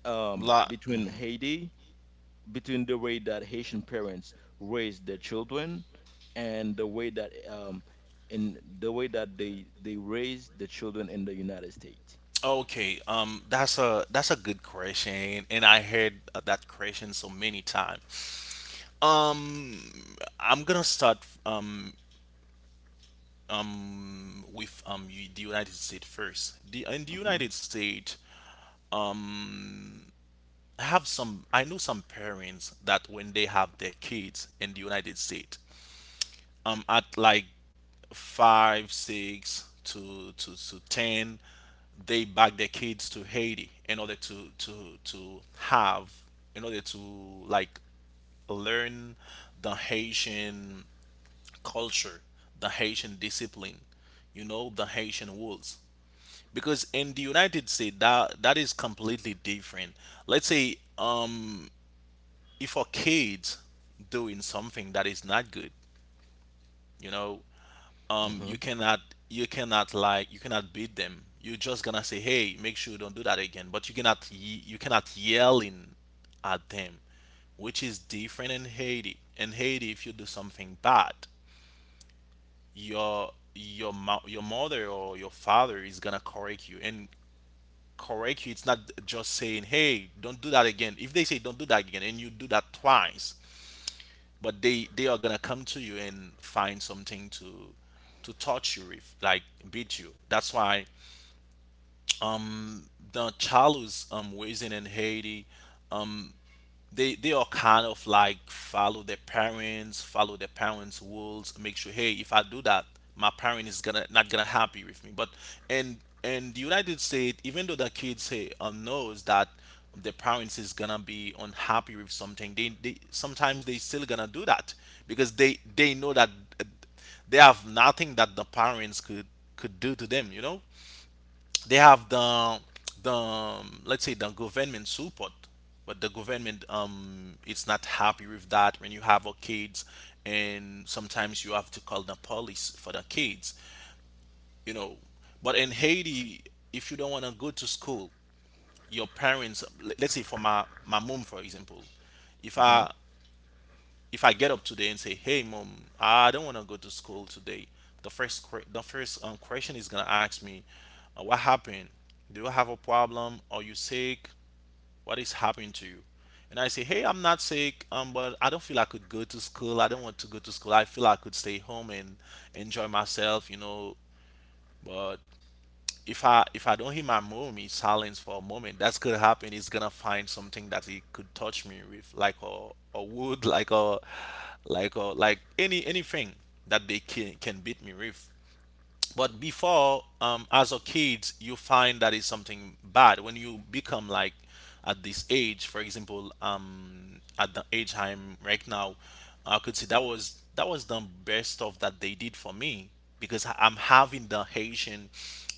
um,
La-
between
mm-hmm.
Haiti between the way that Haitian parents raise their children and the way that um in the way that they they raise the children in the United States.
Okay, um, that's a that's a good question, and I heard uh, that question so many times. Um, I'm gonna start um um with um u- the United States first. The In the
Mm-hmm.
United States, I have some I know some parents that when they have their kids in the United States, um, at like five, six to to to ten, they back their kids to Haiti in order to to to have, in order to like learn the Haitian culture, the Haitian discipline, you know, the Haitian rules. Because in the United States, that that is completely different. Let's say, um, if a kid doing something that is not good, you know, um
Mm-hmm.
you cannot, you cannot, like, you cannot beat them. You're just gonna say, hey, make sure you don't do that again. But you cannot ye- you cannot yelling at them, which is different in Haiti. In Haiti, if you do something bad, your your mo- your mother or your father is gonna correct you. And correct you, it's not just saying, hey, don't do that again. If they say don't do that again, and you do that twice, but they they are gonna come to you and find something to to touch you with, like beat you. That's why the child who's um raising in Haiti, they they are kind of like follow their parents, follow their parents' rules, make sure, hey, if I do that, my parent is gonna, not gonna happy with me. But in in the United States, even though the kids say um, knows that their parents is gonna be unhappy with something, they, they sometimes they still gonna do that because they they know that uh, they have nothing that the parents could could do to them, you know. They have the, the um, let's say, the government support. But the government, um it's not happy with that when you have our kids. And sometimes you have to call the police for the kids, you know. But in Haiti, if you don't want to go to school, your parents, le- let's say for my, my mom for example. if
Mm-hmm.
i if I get up today and say, "Hey, mom, I don't want to go to school today," the first que- the first um, question is gonna ask me, uh, "What happened? Do you have a problem? Are you sick? What is happening to you?" And I say, "Hey, I'm not sick, um, but I don't feel I could go to school. I don't want to go to school. I feel I could stay home and enjoy myself, you know. But if I if I don't hear my mommy silence for a moment, that's gonna happen. He's gonna find something that he could touch me with, like a, a wood, like a like a like any anything that they can can beat me with." But before, um, as a kid, you find that it's something bad. When you become like at this age, for example, um, at the age I'm right now, I could say that was, that was the best stuff that they did for me, because I'm having the Haitian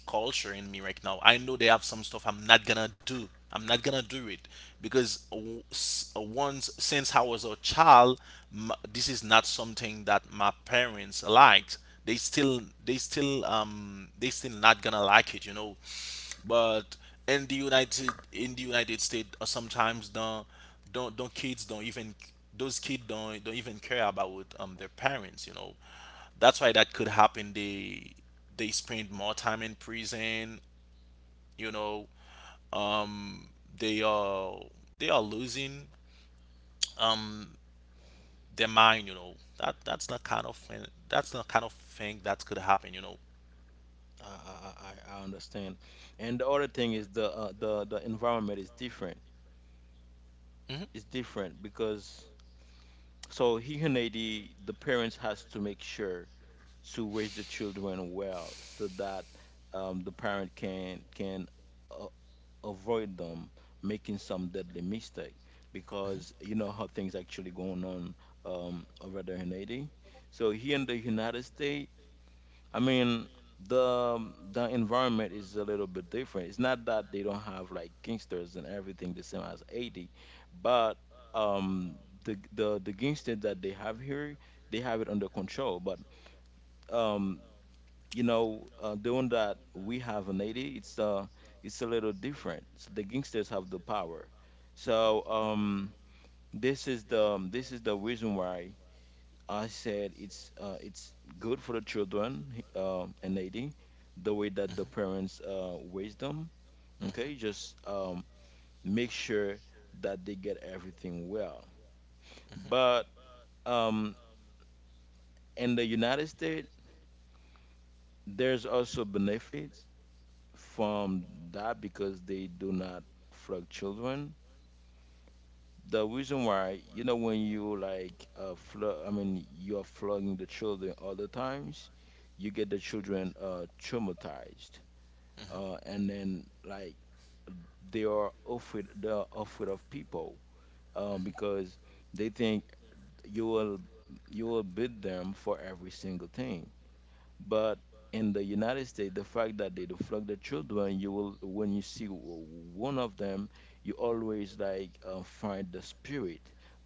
culture in me right now. I know they have some stuff I'm not gonna do. I'm not gonna do it because w- s- uh, once, since I was a child, m this is not something that my parents liked. They still, they still, um, they still not gonna like it, you know. But in the United, in the United States, uh, sometimes the don't don't kids don't even those kids don't don't even care about um their parents, you know. That's why that could happen. They they spend more time in prison. You know, um, they are, they are losing their mind. You know, that that's the kind of thing, that's the kind of thing that could happen. You know.
I, I I I understand. And the other thing is the uh, the the environment is different.
Mhm.
It's different because so here in Haiti, the parents has to make sure to raise the children well so that um, the parent can can uh, avoid them making some deadly mistake because you know how things actually going on um, over there in Haiti. So here in the United States, I mean the um, the environment is a little bit different. It's not that they don't have like gangsters and everything the same as Haiti, but um the the the gangsters that they have here, they have it under control. But um you know, uh, doing that we have in Haiti, it's uh, it's a little different. So the gangsters have the power. So um, this is the um, this is the reason why I said it's uh, it's good for the children uh, in Haiti, the way that the
Mhm.
parents uh, raise them.
Mhm.
Okay, just um, make sure that they get everything well.
Mhm.
But um, in the United States, there's also benefits from that because they do not flog children. The reason why, you know, when you like uh flog, I mean, you're flogging the children all the times, you get the children uh traumatized,
Mhm.
uh, and then like they are afraid, they're afraid of people, um, because they think you will you will beat them for every single thing. But in the United States, the fact that they deflect the children, you will when you see w- one of them, you always like uh, find the spirit,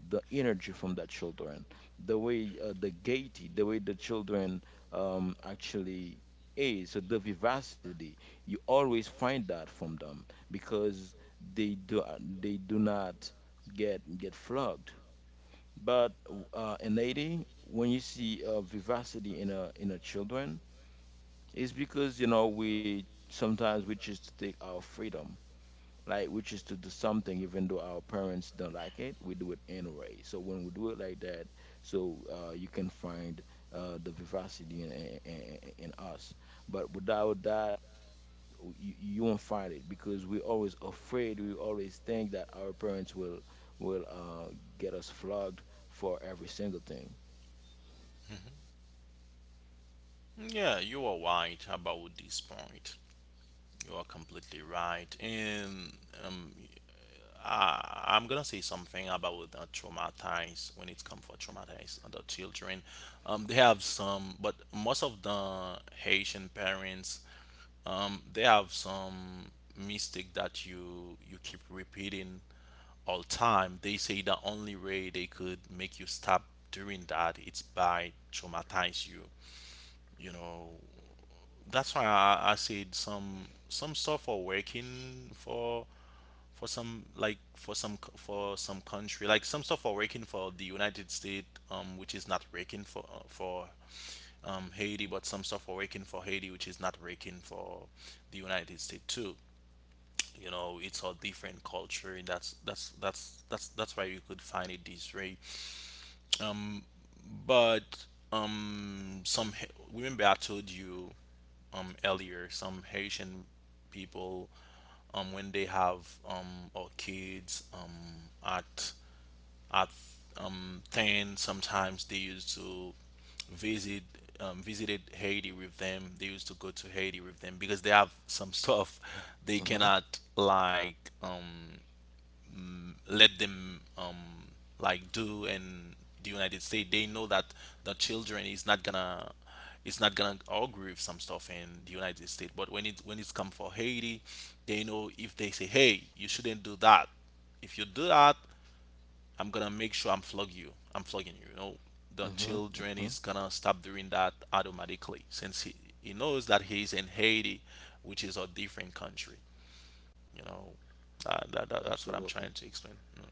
the energy from that children, the way uh, the gaiety, the way the children um, actually is, so the vivacity. You always find that from them because they do uh, they do not get get flogged. But uh, in Haiti, when you see uh, vivacity in a in a children it's because, you know, we sometimes we choose to take our freedom, like we choose to do something even though our parents don't like it, we do it anyway. So when we do it like that, so uh, you can find uh, the vivacity in, in, in in us. But without that, you, you won't find it because we're always afraid. We always think that our parents will will uh, get us flogged for every single thing.
Yeah, you are right about this point. You are completely right. And um, I, I'm gonna say something about the traumatized, when it comes for traumatized the children. Um, they have some, but most of the Haitian parents, um, they have some mistake that you you keep repeating all time. They say the only way they could make you stop doing that, it's by traumatize you, you know. That's why I, I said some some stuff are working for for some, like for some c- for some country. Like some stuff are working for the United States, um which is not working for, uh, for um Haiti. But some stuff are working for Haiti which is not working for the United States too, you know. It's a different culture. that's that's that's that's that's why you could find it this way. Um but um, some Ha- remember I told you um earlier, some Haitian people, um when they have um or kids um at at um ten, sometimes they used to visit, um, visited Haiti with them. They used to go to Haiti with them because they have some stuff they
Hmm.
cannot like um let them um, like do in the United States. They know that the children is not gonna, it's not gonna agree with some stuff in the United States. But when it when it's come for Haiti, they know if they say, hey, you shouldn't do that. If you do that, I'm gonna make sure I'm flog you. I'm flogging you, you know. The
Hmm.
children
Hmm.
is gonna stop doing that automatically, since he, he knows that he's in Haiti, which is a different country. You know, uh, that, that, that's what I'm
Absolutely.
trying to explain. You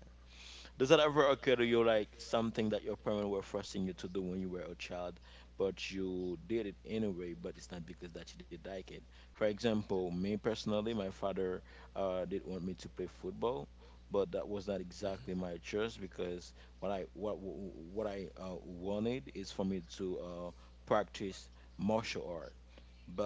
Does that ever occur to you like something that your parents were forcing you to do when you were a child, but you did it anyway, but it's not because that you did like it? For example, me personally, my father uh, did want me to play football, but that was not exactly my choice because what I what what I uh, wanted is for me to uh, practice martial art,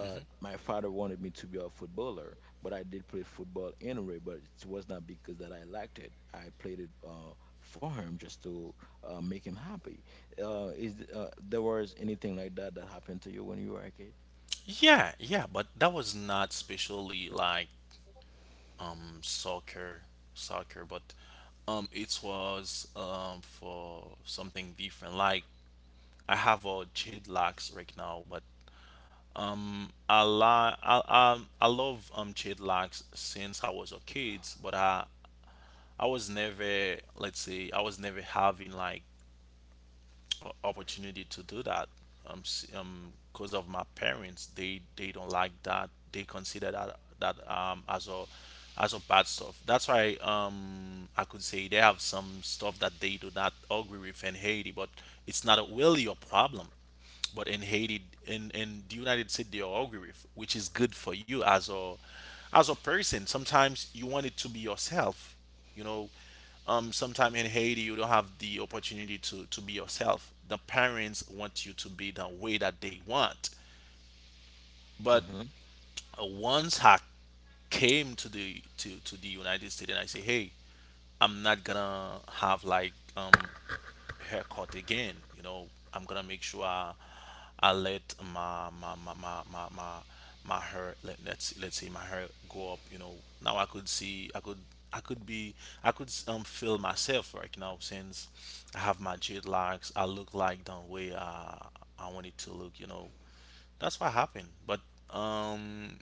know.
my father wanted me to be a footballer, but I did play football anyway, but it was not because that I liked it. I played it uh, for him just to uh, make him happy. Uh, is th- uh, there was anything like that that happened to you when you were a kid?
Yeah, yeah, but that was not specially like um soccer, soccer, but um it was um for something different. Like I have a jade locks right now, but I li- I um I love um jade locks since I was a kid. But I I was never, let's say I was never having like o- opportunity to do that, um s- um because of my parents. they they don't like that. They consider that, that um as a as a bad stuff. That's why um I could say they have some stuff that they do not agree with in Haiti, but it's not really a problem. But in Haiti, in in the United States, they all agree with, which is good for you as a, as a person. Sometimes you want it to be yourself, you know. Um, sometimes in Haiti, you don't have the opportunity to to be yourself. The parents want you to be the way that they want. But
Hmm.
uh, once I came to the, to to the United States, and I say, hey, I'm not gonna have like um haircut again. You know, I'm gonna make sure I, I let my my my my my my, my hair, let, let's let's say my hair go up. You know, now I could see I could I could be, I could um feel myself right now, since I have my dreadlocks. I look like the way I I wanted to look. You know, that's what happened. But um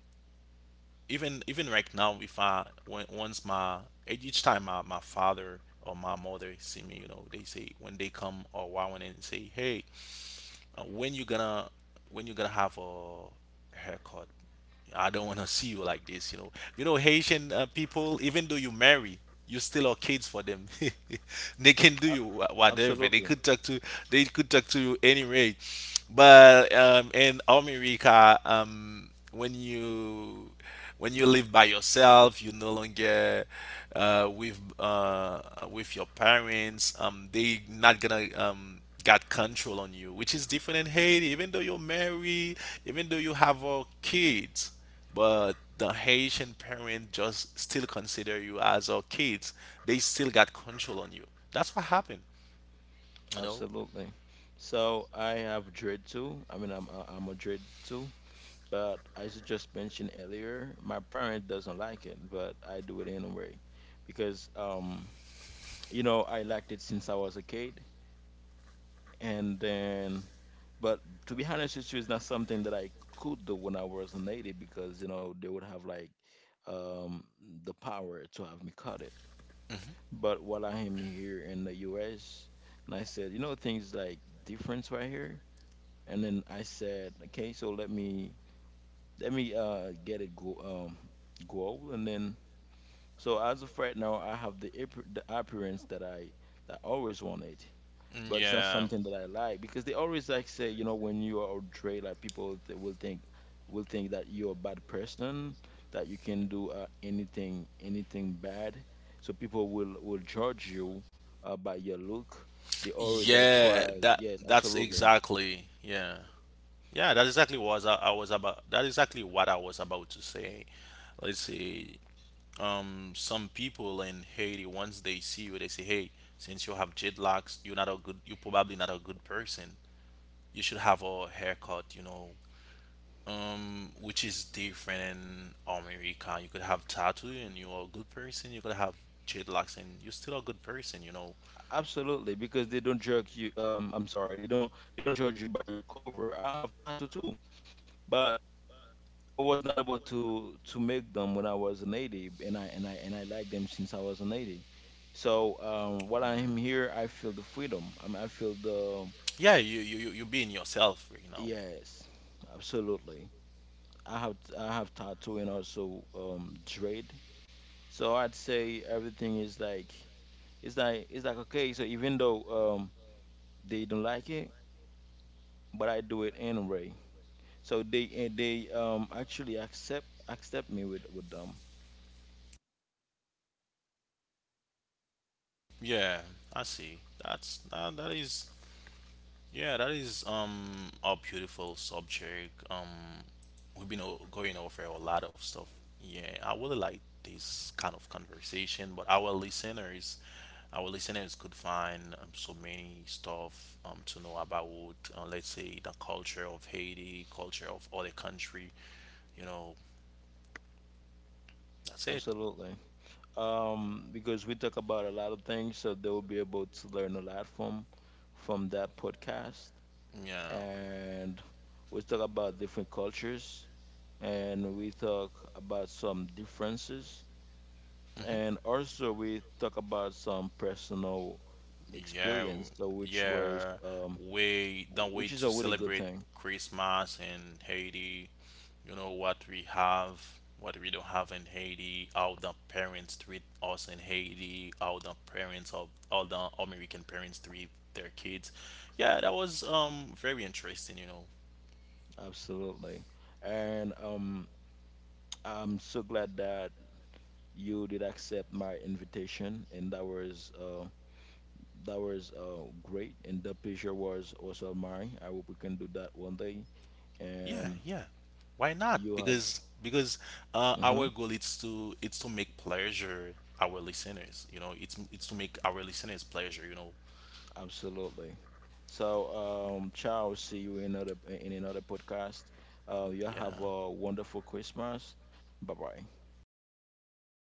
even even right now, if I when once my each time my, my father or my mother see me, you know, they say when they come or wow and say, hey, uh, when you gonna when you gonna have a haircut. I don't want to see you like this. You know, you know, Haitian uh, people, even though you marry, you still are kids for them. They can do you wha- whatever. They
Absolutely.
could talk to, they could talk to you anyway. But um in America, um when you, when you live by yourself, you no longer uh, with uh, uh, with your parents, um, they not gonna um, got control on you, which is different in Haiti. Even though you're married, even though you have uh, kids, but the Haitian parent just still consider you as our kids. They still got control on you. That's what happened, you know.
Absolutely. So I have dread too. I mean, i'm, uh, I'm a dread too, but as you just mentioned earlier my parent doesn't like it but I do it anyway because um you know I liked it since I was a kid. And then, but to be honest with you, it's not something that I could do when I was a native because you know they would have like um the power to have me cut it.
Hmm.
But while I am here in the US and I said, you know things like difference right here, and then I said, okay, so let me let me uh get it go um go. And then so as of right now I have the, appar- the appearance that i that I always wanted, but it's not
yeah
something that I like because they always like say, you know, when you are outray, like people th- will think will think that you're a bad person, that you can do uh, anything anything bad. So people will will judge you uh, by your look. They
yeah
always like
that
try.
that's
Yes,
exactly
absolutely.
yeah Yeah, that's exactly what I I was about. That's exactly what I was about to say. Let's say, um, some people in Haiti, once they see you, they say, "Hey, since you have jet locks, you're not a good. You're probably not a good person. You should have a haircut, you know." Um, which is different in America. You could have tattoo and you're a good person. You could have jet locks and you're still a good person, you know.
Absolutely, because they don't judge you. Um, I'm sorry, they don't they don't judge you by your cover. I have tattoo too, but I was not able to to make them when I was a native, and I and I and I like them since I was a native. So um, while I am here, I feel the freedom. I mean, I feel the,
Yeah, you you you you being yourself, you know.
yes, absolutely. I have I have tattoo and also um, dread. So I'd say everything is like it's like it's like okay. So even though um, they don't like it, but I do it anyway. So they and they um, actually accept accept me with with them.
Yeah, I see. That's that, that is, yeah, that is um a beautiful subject. Um, we've been o- going over a lot of stuff. Yeah, I really like this kind of conversation, but our listeners, our listeners could find um, so many stuff um to know about. Uh, let's say the culture of Haiti, culture of other country. You know, that's it.
Absolutely. um, because we talk about a lot of things, so they will be able to learn a lot from from that podcast.
Yeah.
And we talk about different cultures, and we talk about some differences,
Mm-hmm.
and also we talk about some personal
Yeah,
experience, so which was
yeah.
um,
We don't wait
which is
to
a really good
celebrate
thing,
Christmas in Haiti. You know what we have, what we don't have in Haiti, how the parents treat us in Haiti, how the parents of all the American parents treat their kids. Yeah, that was um very interesting, you know.
absolutely. And um, I'm so glad that you did accept my invitation, and that was. Uh, that was uh, great, and that picture was also mine. I hope we can do that one day.
Yeah,
And
yeah. Why not?
you have,
Because because uh, our
Mhm,
goal is to, it's to make pleasure our listeners. You know, it's it's to make our listeners pleasure. You know,
absolutely. So um ciao, see you in another in another podcast. Uh you have
yeah.
a wonderful Christmas. Bye bye.
You too.